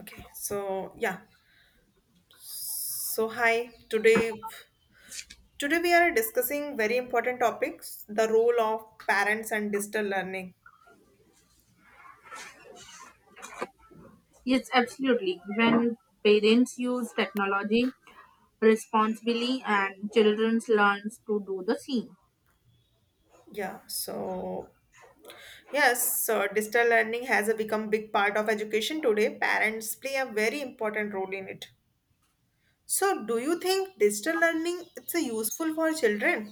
Okay, so yeah. So hi, today today we are discussing very important topics, the role of parents and digital learning. Yes, absolutely. When parents use technology responsibly and children learn to do the same. Yeah, so yes, so digital learning has become big part of education today. Parents play a very important role in it. So do you think digital learning it's a useful for children?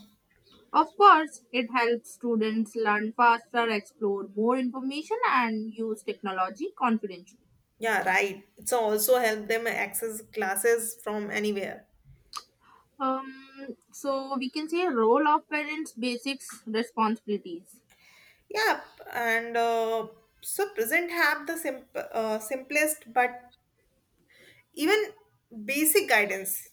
Of course, it helps students learn faster, explore more information, and use technology confidently. Yeah, right. It's also help them access classes from anywhere. So we can say role of parents, basics, responsibilities. Yep, and so present have the simplest but even basic guidance.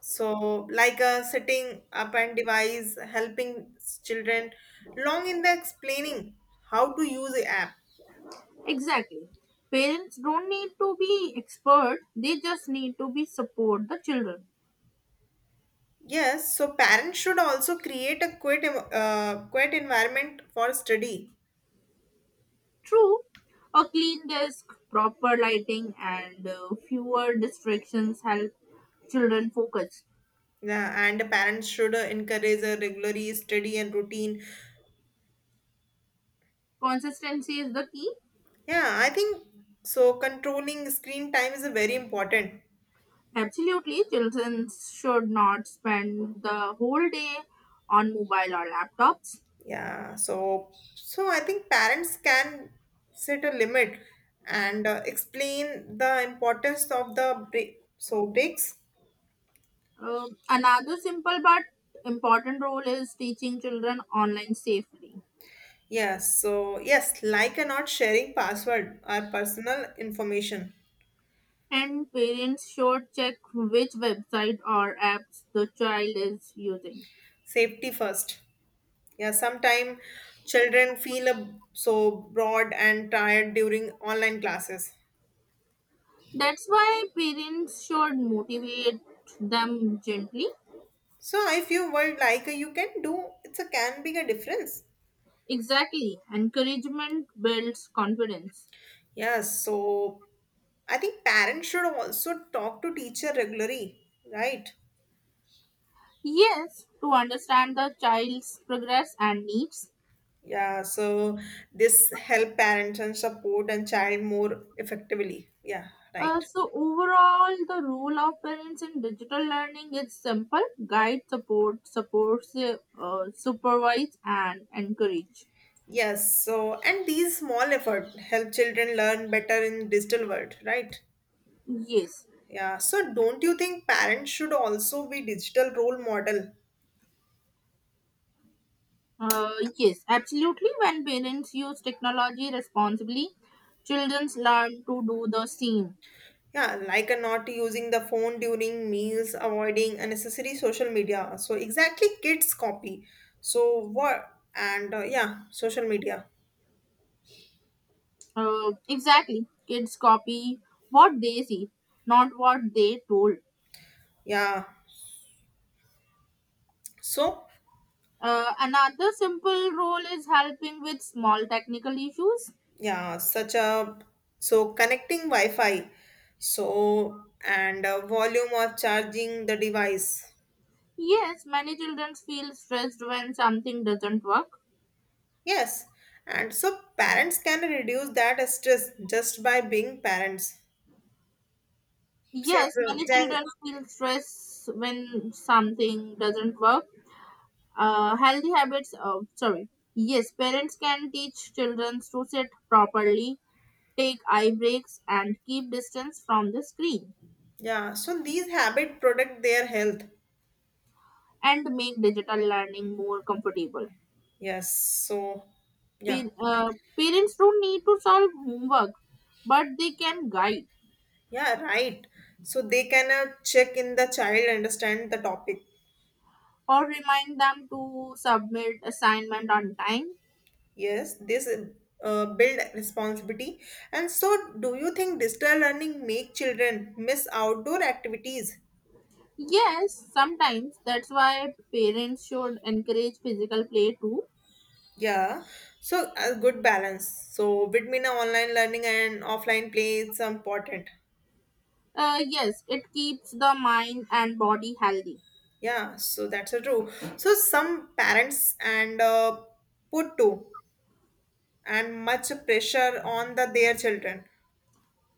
So, like setting up and device, helping children long in the explaining how to use the app. Exactly. Parents don't need to be expert; they just need to be support the children. Yes, so parents should also create a quiet, quiet environment for study. True, a clean desk, proper lighting, and fewer distractions help children focus. Yeah, and parents should encourage a regular study and routine. Consistency is the key. Yeah, I think so. Controlling screen time is very important. Absolutely, children should not spend the whole day on mobile or laptops. Yeah, so I think parents can set a limit and explain the importance of the break. So breaks. Another simple but important role is teaching children online safely. Yes, so yes, like and not sharing password or personal information. And parents should check which website or apps the child is using. Safety first. Yeah, sometimes children feel a, so bored and tired during online classes. That's why parents should motivate them gently. So if you were like you can do, it's a can be a difference. Exactly. Encouragement builds confidence. Yes, so I think parents should also talk to teacher regularly, right? Yes, to understand the child's progress and needs. Yeah, so this help parents and support and child more effectively. Yeah, right. Overall, the role of parents in digital learning is simple guide, support, supervise, and encourage. Yes, so and these small effort help children learn better in digital world, right? Yes, Yeah, so don't you think parents should also be digital role model. uh, yes, absolutely. When parents use technology responsibly, children learn to do the same. Yeah, like a not using the phone during meals, avoiding unnecessary social media. So exactly, kids copy. So what? And yeah, social media. Exactly. Kids copy what they see, not what they told. Yeah. So Another simple role is helping with small technical issues. yeah, such a so connecting Wi-Fi. So and volume of charging the device. Yes, many children feel stressed when something doesn't work. Yes. And so parents can reduce that stress just by being parents. Yes, many Separate- children feel stress when something doesn't work. Healthy habits, sorry. Yes, parents can teach children to sit properly, take eye breaks, and keep distance from the screen. Yeah. So these habit protect their health. And make digital learning more comfortable. Yes, so yeah, Pa- uh, Parents don't need to solve homework, but they can guide yeah, right. So they can check in the child understand the topic. or remind them to submit assignment on time. Yes, this build responsibility. And so, do you think digital learning make children miss outdoor activities? Yes, sometimes that's why parents should encourage physical play too. Yeah, so a good balance. So between online learning and offline play is important. Yes, it keeps the mind and body healthy. Yeah, so that's true. So some parents and put to and much pressure on the their children.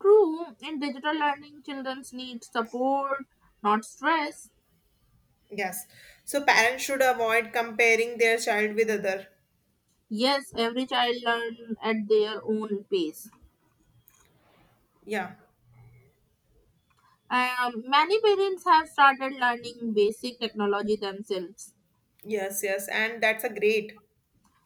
True, in digital learning, children need support, not stress. Yes. So parents should avoid comparing their child with other. Yes, every child learn at their own pace. Yeah. Many parents have started learning basic technology themselves. Yes, yes. And that's a great.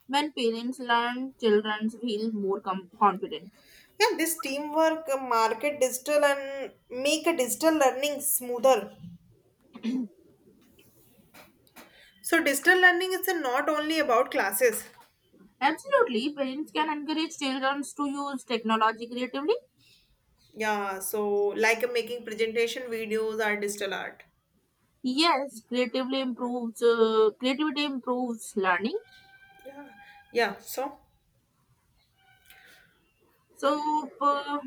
When parents learn, children feel more confident. Yeah, this teamwork market digital and make a digital learning smoother. So digital learning is not only about classes. Absolutely, parents can encourage children to use technology creatively. Yeah, so like making presentation videos are digital art. Yes, creatively improves creativity improves learning. Yeah. Yeah. So So,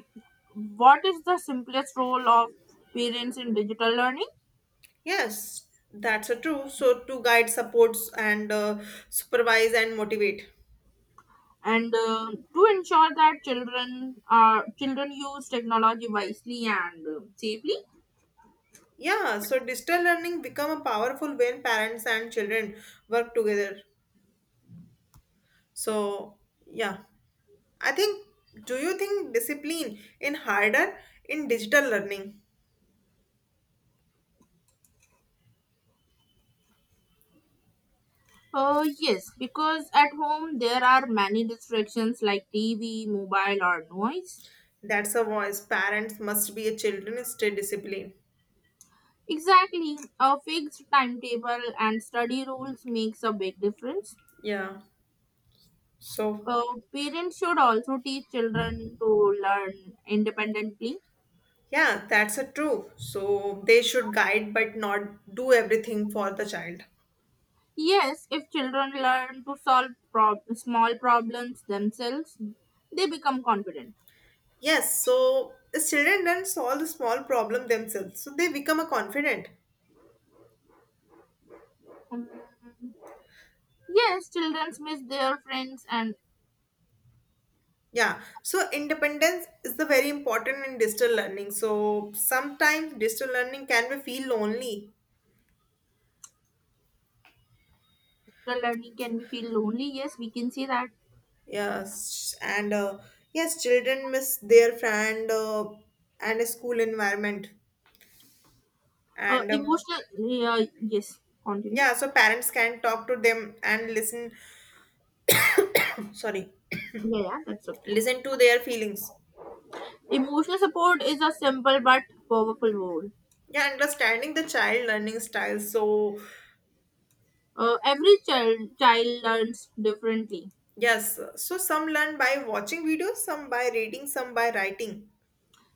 what is the simplest role of parents in digital learning? yes, that's a true. So to guide, supports and supervise and motivate. And to ensure that children use technology wisely and safely. Yeah, so digital learning become a powerful when parents and children work together. So yeah, I think do you think discipline in harder in digital learning? Yes, because at home there are many distractions like TV, mobile, or noise. That's a voice. Parents must be a children stay disciplined. Exactly, a fixed timetable and study rules makes a big difference. Yeah. So Uh, Parents should also teach children to learn independently. yeah, that's a true. So they should guide but not do everything for the child. Yes, if children learn to solve small problems themselves, they become confident. Yes, so the children then solve the small problem themselves. So they become a confident. Um, Yes, children miss their friends and Yeah, so independence is the very important in digital learning. So sometimes digital learning can be feel lonely. the learning can be feel lonely. Yes, we can see that. Yes, and yes, children miss their friend and a school environment, and Emotional, yeah, yes, continue. yeah, so parents can talk to them and listen. Sorry, Yeah, yeah, that's okay. listen to their feelings. Emotional support is a simple but powerful role. Yeah, understanding the child learning style. So Every child learns differently. yes, so some learn by watching videos, some by reading, some by writing.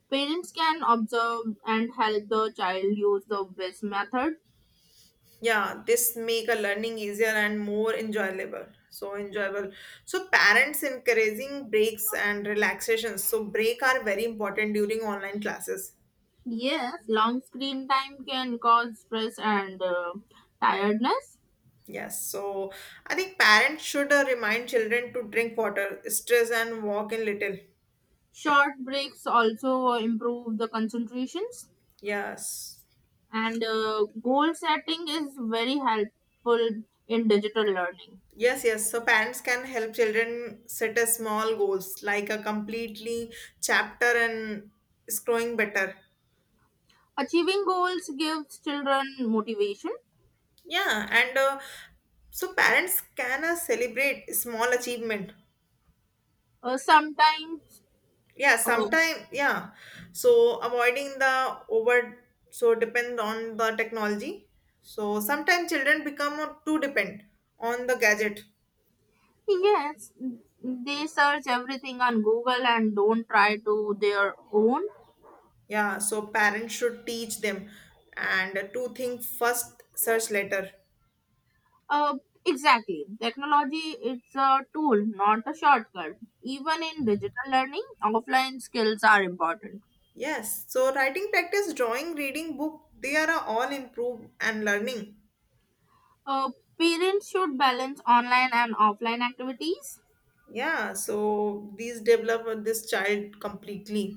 Parents can observe and help the child use the best method. Yeah, this make a learning easier and more enjoyable, so enjoyable. So parents encouraging breaks and relaxations, so break are very important during online classes. Yes, long screen time can cause stress and tiredness. Yes, so I think parents should remind children to drink water stress and walk in little. Short breaks also improve the concentrations. yes And goal setting is very helpful in digital learning. yes yes, so parents can help children set a small goals like a completely chapter and scrolling better. Achieving goals gives children motivation. Yeah, and so parents can celebrate small achievement. Uh, sometimes, Yeah, uh, sometime yeah. So avoiding the over so depend on the technology. So sometimes children become too depend on the gadget. yes, they search everything on Google and don't try to their own. Yeah, so parents should teach them and to think first, search later. Uh, exactly. Technology it's a tool, not a shortcut. Even in digital learning, offline skills are important. Yes, so writing practice, drawing, reading book, they are all improve and learning. Uh, Parents should balance online and offline activities. Yeah, so these develop this child completely.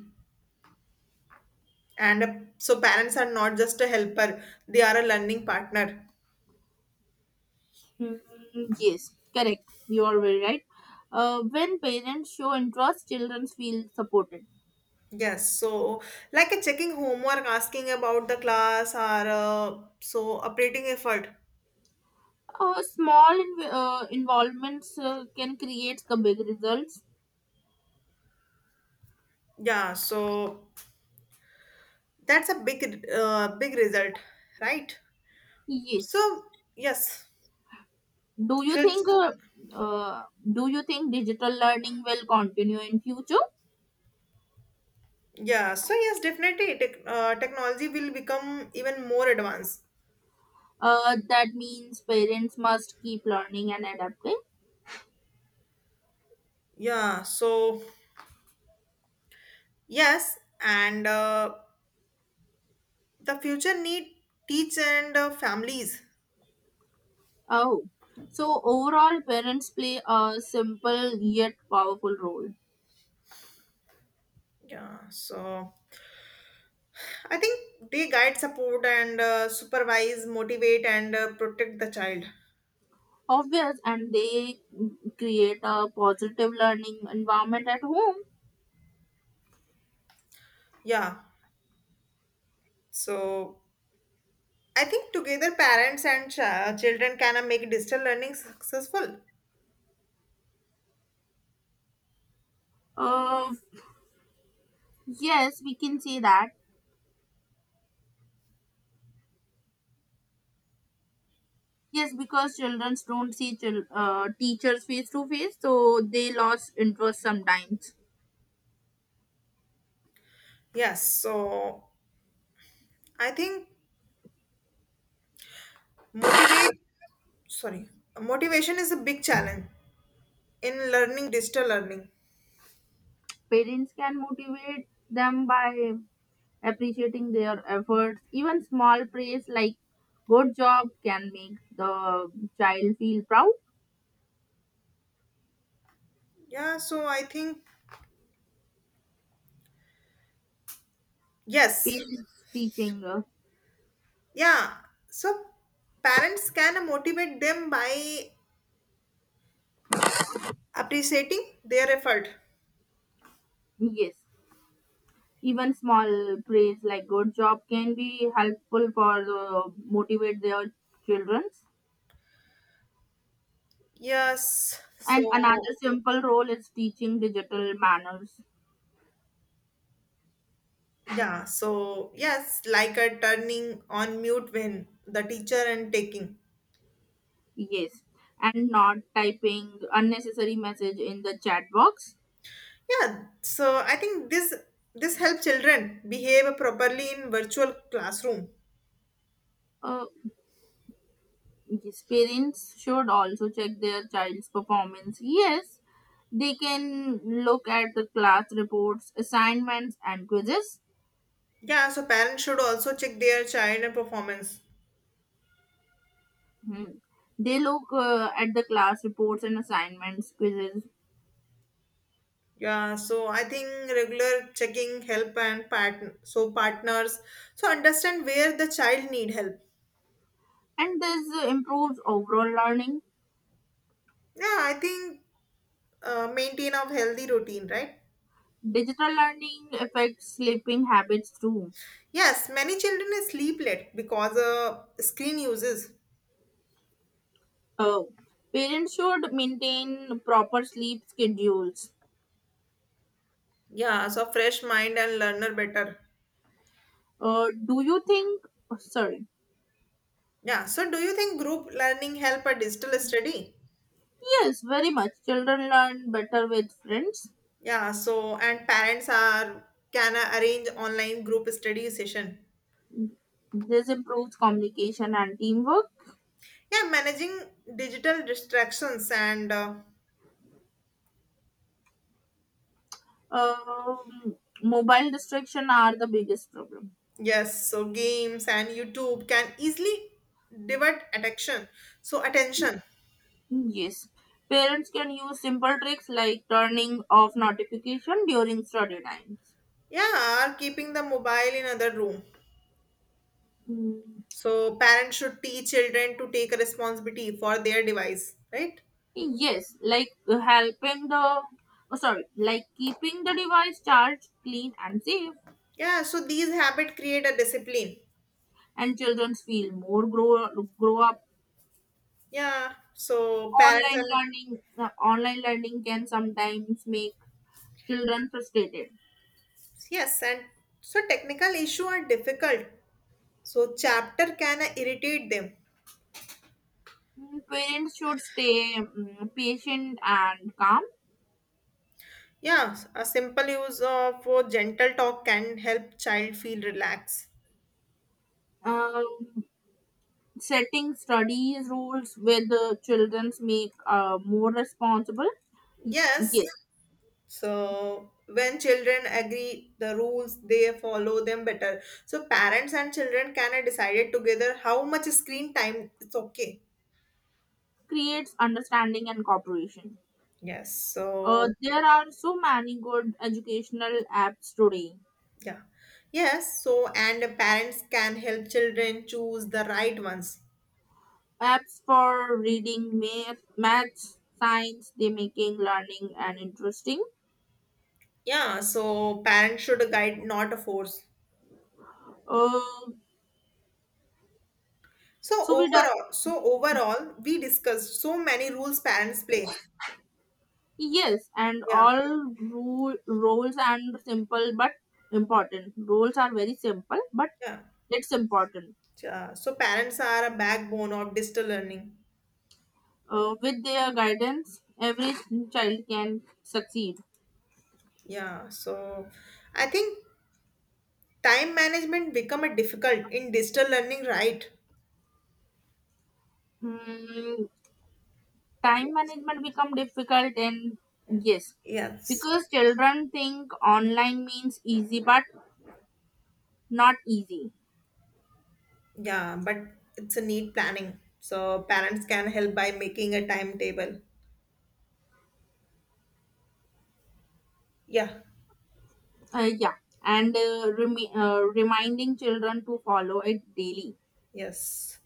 And so parents are not just a helper, they are a learning partner. Mm, yes, correct. You are very right. When parents show interest, children feel supported. Yes, so like a checking homework, asking about the class, or so operating effort. Small involvements can create the big results. Yeah, so that's a big result, right? So Yes. yes. Do you think? Fifth- uh, do you think digital learning will continue in future? yeah, so yes, definitely technology will become even more advanced. That means parents must keep learning and adapting. Yeah, so yes, and the future need teach and families. Oh, so overall, parents play a simple yet powerful role. Yeah, so I think they guide, support, and supervise, motivate, and protect the child. Obvious, and they create a positive learning environment at home. Yeah, so I think together parents and children can make digital learning successful. Uh, yes, we can say that. Yes, because children don't see teachers face to face, so they lost interest sometimes. Yes, so I think motivate, sorry, motivation is a big challenge in learning digital learning. Parents can motivate them by appreciating their efforts. Even small praise like good job can make the child feel proud. Yeah, so I think, yes, Parents teaching, uh, yeah, so parents can motivate them by appreciating their effort. yes, even small praise like good job can be helpful for the motivate their children. Yes. And another So, simple role is teaching digital manners. yeah. So, yes, like a turning on mute when the teacher and taking. Yes, and not typing unnecessary message in the chat box. Yeah. So, I think this this help children behave properly in virtual classroom. Uh, yes, parents should also check their child's performance. Yes, they can look at the class reports, assignments, and quizzes. Yeah. So, parents should also check their child and performance. Hmm. They look at the class reports and assignments, quizzes, Yeah. So, I think regular checking help and partner. So, partners. So, understand where the child need help. and this improves overall learning. Yeah. I think maintain of healthy routine, right? Digital learning affects sleeping habits too. Yes, many children sleep late because screen uses. Oh, parents should maintain proper sleep schedules. Yeah, so fresh mind and learner better. Do you think? Oh, sorry. Yeah, so do you think group learning help a digital study? Yes, very much. Children learn better with friends. Yeah, so and parents are can arrange online group study session. This improves communication and teamwork. Yeah, managing digital distractions and Um, Mobile distraction are the biggest problem. yes, so games and YouTube can easily divert attention. So attention. Yes. Parents can use simple tricks like turning off notification during study times. Yeah, or keeping the mobile in other room. Mm, So parents should teach children to take responsibility for their device, right? yes, like helping the, oh, sorry, like keeping the device charged, clean and safe, Yeah, so these habits create a discipline. and children feel more grow up. Yeah, so parents and Online learning can sometimes make children frustrated. yes, and so technical issue are difficult. So chapter can irritate them. Mm, parents should stay mm, patient and calm. Yeah, a simple use of gentle talk can help child feel relaxed. Um, Setting study rules with the children make more responsible. Y- Yes, Yes, so when children agree the rules, they follow them better. So parents and children can decide it together how much screen time it's okay. creates understanding and cooperation. Yes. So There are so many good educational apps today. yeah. Yes. So and the parents can help children choose the right ones. Apps for reading, math, maths, science. They making learning and interesting. Yeah. So parents should guide, not force. Uh, So So we just overall, so overall, we discussed so many rules parents play. yes, and Yeah. all rule roles and simple but important. Roles are very simple, but Yeah. it's important. Yeah. So parents are a backbone of digital learning. With their guidance, every child can succeed. Yeah, so I think time management become a difficult in digital learning, right? Mm, time management become difficult, and yes, Yes. because children think online means easy, but not easy. Yeah, but it's a need planning. So parents can help by making a timetable. Yeah, Yeah, and reminding children to follow it daily. yes.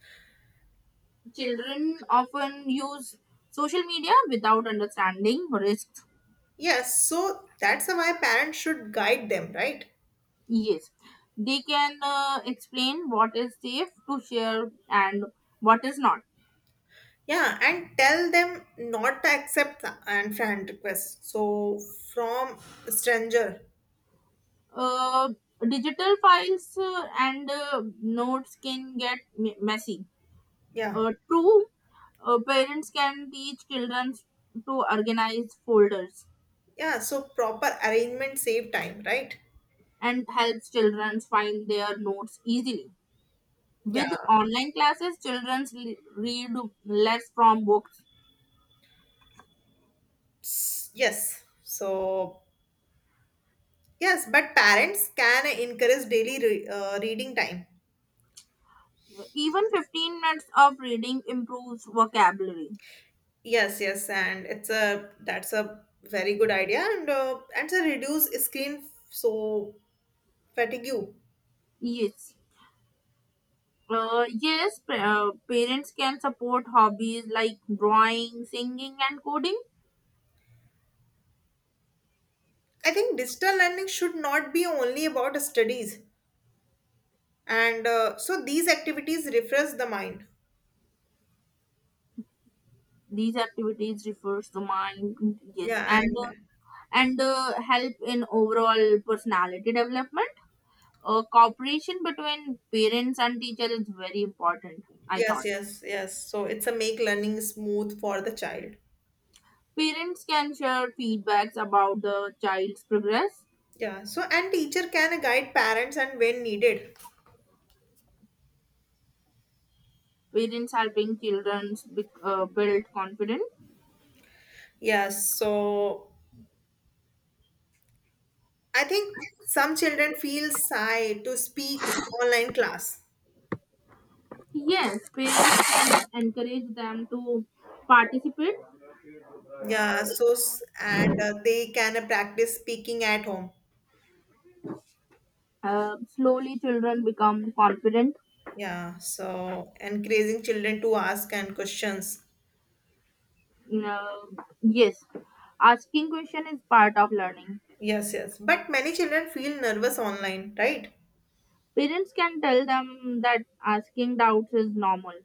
Children often use social media without understanding risks. Yes, so that's why parents should guide them, right? Yes, they can explain what is safe to share and what is not. Yeah, and tell them not to accept the friend request. So from stranger. Uh, Digital files and notes can get messy. Yeah. True, parents can teach children to organize folders Yeah, so proper arrangement save time, right? and helps children find their notes easily. With Yeah. online classes, children read less from books. Yes, so yes, but parents can encourage daily reading time. Even 15 minutes of reading improves vocabulary. Yes, yes, and it's a that's a very good idea, and to reduce screen so fatigue. Yes. Yes, parents can support hobbies like drawing, singing, and coding. I think digital learning should not be only about studies, and so these activities refresh the mind. These activities refresh the mind. Yes, Yeah. and And help in overall personality development. Cooperation between parents and teacher is very important. I yes, thought yes, yes, so it's a make learning smooth for the child. parents can share feedbacks about the child's progress. Yeah, so and teacher can guide parents and when needed. Parents helping children build confidence. Yes, so I think some children feel shy to speak online class. Yes, parents can encourage them to participate. Yeah, so and they can practice speaking at home. Slowly, children become confident. Yeah, so encouraging children to ask and questions. Uh, yes, asking question is part of learning. Yes, yes. But many children feel nervous online, right? Parents can tell them that asking doubts is normal.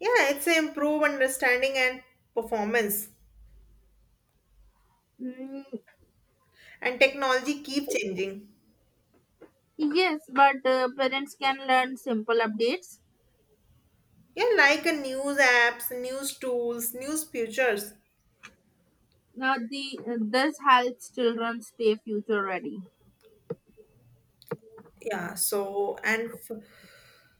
Yeah, it's a improve understanding and performance. Mm, And technology keep changing. yes, but parents can learn simple updates. Yeah, like a news apps, news tools, news futures. Now, the this helps children stay future ready. Yeah, so and f-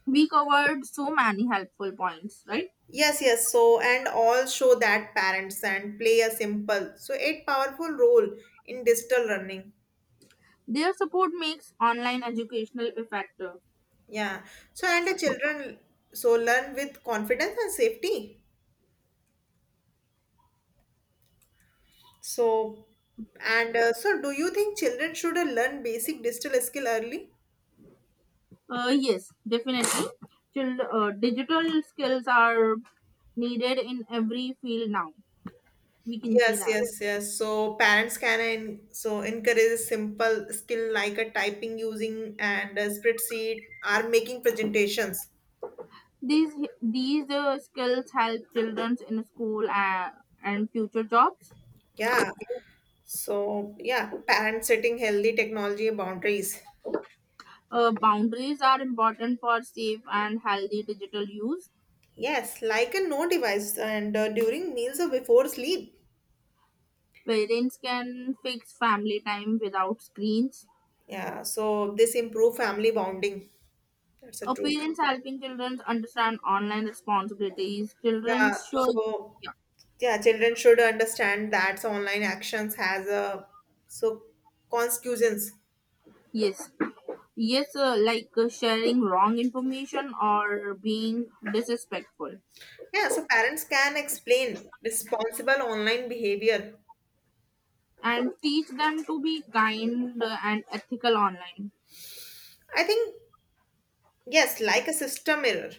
We covered so many helpful points, right? Yes, yes. So, and all show that parents and play a simple, so it powerful role in digital learning. Their support makes online educational effective. Yeah. So, and the children so learn with confidence and safety. So, and so, do you think children should learn basic digital skill early? Yes, definitely. Digital skills are needed in every field now. We can see Yes, that yes, yes. So parents can so encourage simple skill like a typing using and a spreadsheet or making presentations. these these skills help children in school and future jobs. Yeah. So, yeah, parents setting healthy technology boundaries. Boundaries are important for safe and healthy digital use. Yes, like a no device and during meals or before sleep. Parents can fix family time without screens. Yeah, so this improve family bonding. That's a true. Parents helping children understand online responsibilities. Children Yeah, should so yeah, children should understand that online actions has a so consequences. yes, yes, like sharing wrong information or being disrespectful, Yeah, so parents can explain responsible online behavior. and teach them to be kind and ethical online. I think yes, like a system error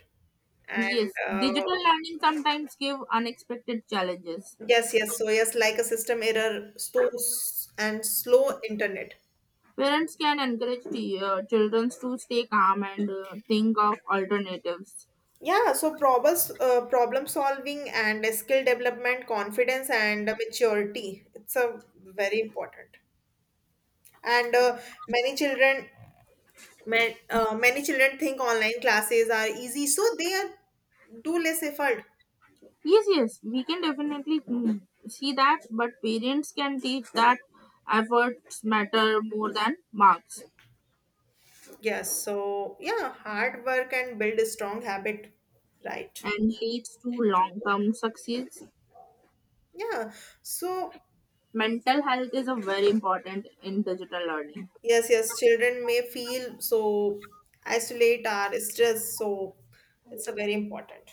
and Yes, digital learning sometimes give unexpected challenges. Yes, yes. So yes, like a system error, stores and slow internet. Parents can encourage the, children to stay calm and think of alternatives. Yeah, so problem solving and skill development, confidence and maturity. It's a very important. And many children, many children think online classes are easy, so they are do less effort. Yes, yes, we can definitely mm, see that, but parents can teach that efforts matter more than marks. Yes, so yeah, hard work and build a strong habit, right? And leads to long term success. Yeah, so Mental health is a very important in digital learning. yes, yes, children may feel so isolate or stressed, so it's a very important.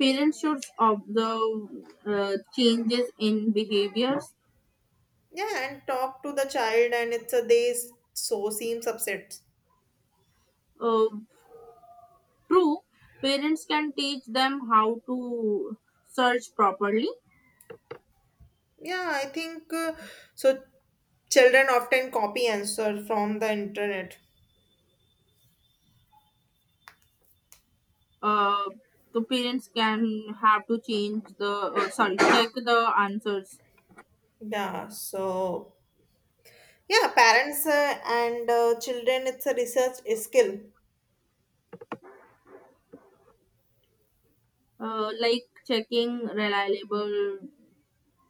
Parents should observe changes in behaviors. Yeah, and talk to the child, and it's a they so seems upset. Uh, True, parents can teach them how to search properly. Yeah, I think so. Children often copy answer from the internet. Uh, the parents can have to change the sorry check the answers. Yeah, so yeah, parents and children, it's a research skill. Like checking reliable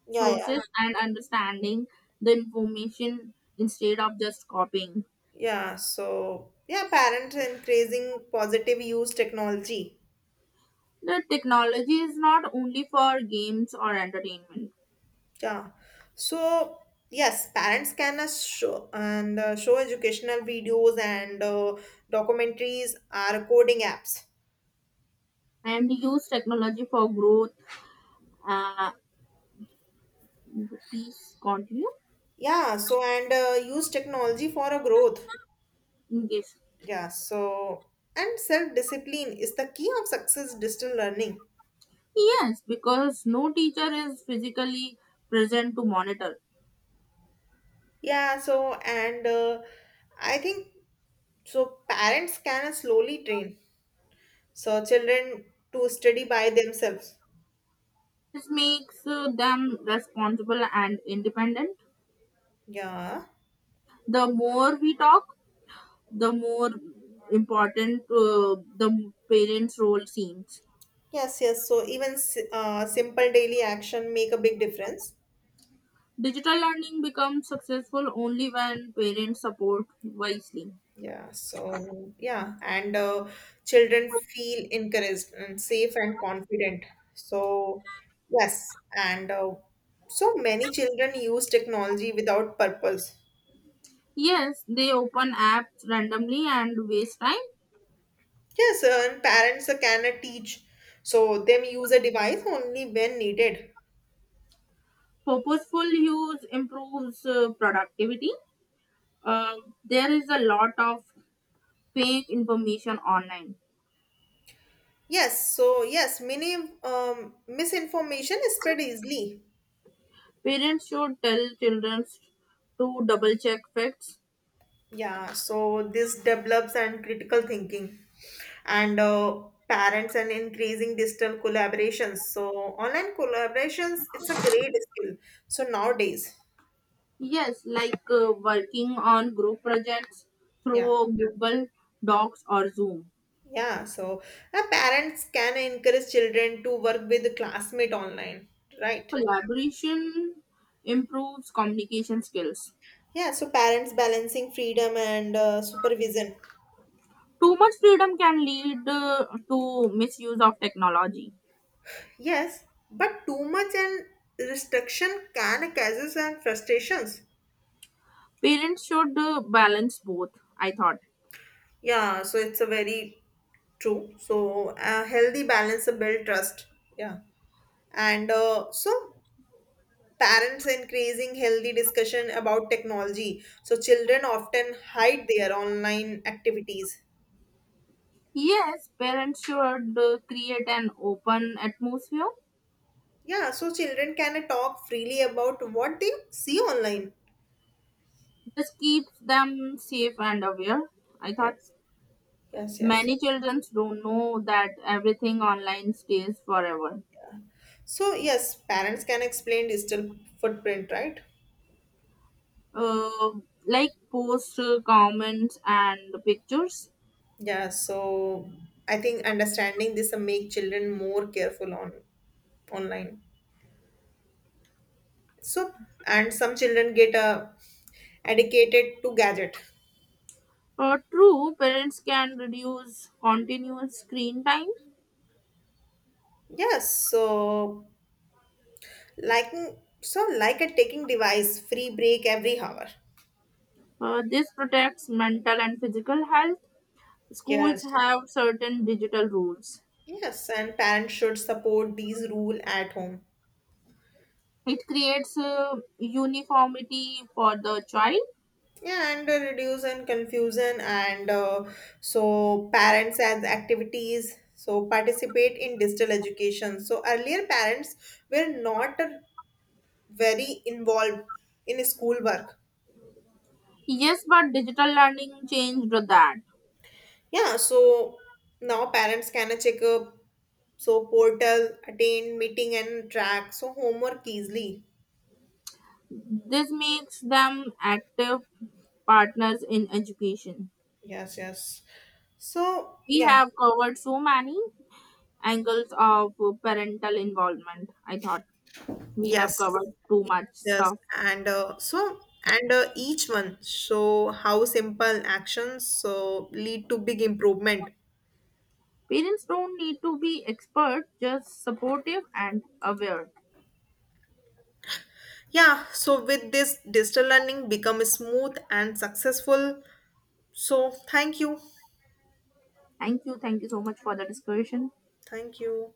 Yeah, yeah, sources and understanding the information instead of just copying. yeah. So yeah, parents increasing positive use technology. The technology is not only for games or entertainment, Yeah. So, yes, parents can show educational videos and documentaries are coding apps. and use technology for growth. Uh, Please continue. Yeah. So, and use technology for a growth. Yes. Yeah. So, and self discipline is the key of success digital learning. Yes, because no teacher is physically present to monitor. Yeah. So, and I think so, parents can slowly train so children to study by themselves. This makes them responsible and independent. Yeah. The more we talk, the more important the parents' role seems. Yes, yes. So even simple daily action make a big difference. Digital learning becomes successful only when parents support wisely. Yeah. So yeah, and children feel encouraged and safe and confident. So yes, and so many children use technology without purpose. Yes, they open apps randomly and waste time. Yes, and parents cannot teach. So them use a device only when needed. Purposeful use improves productivity. Uh, there is a lot of fake information online. Yes. So yes, many misinformation is spread easily. Parents should tell children to double check facts. Yeah, so this develops and critical thinking and parents and increasing digital collaborations. So online collaborations, it's a great skill. So nowadays, Yes, like working on group projects yeah. through Google Docs or Zoom. Yeah, so parents can encourage children to work with classmate online, right? Collaboration improves communication skills. Yeah, so parents balancing freedom and supervision. Too much freedom can lead to misuse of technology. Yes, but too much and restriction can causes and frustrations. Parents should balance both, I thought. Yeah, so it's a very true. So a healthy balance of build trust. Yeah. And so parents increasing healthy discussion about technology. So children often hide their online activities. Yes, parents should create an open atmosphere. Yeah. So children can talk freely about what they see online. This keeps them safe and aware. I thought Yes. Yes. Yes. Yes. many children don't know that everything online stays forever. So yes, parents can explain digital footprint, right? Uh, like posts, comments, and pictures. Yeah. So I think understanding this will make children more careful on online. So, and some children get educated to gadget. True, parents can reduce continuous screen time. Yes, so liking so like a taking device free break every hour. This protects mental and physical health. Schools Yes. have certain digital rules. Yes, and parents should support these rule at home. It creates uniformity for the child. Yeah, and reduce and confusion and so parents as activities so participate in digital education. So earlier parents were not very involved in school work. Yes, but digital learning changed that. Yeah, so now parents can check up so portal, attend meeting and track so homework easily. This makes them active partners in education. Yes, yes. So We yeah, have covered so many angles of parental involvement. I thought we have yes, covered too much yes, stuff. and so and each one show how simple actions so lead to big improvement. Parents don't need to be expert, just supportive and aware. Yeah, so with this digital learning become smooth and successful. So thank you, Thank you. Thank you so much for the discussion. thank you.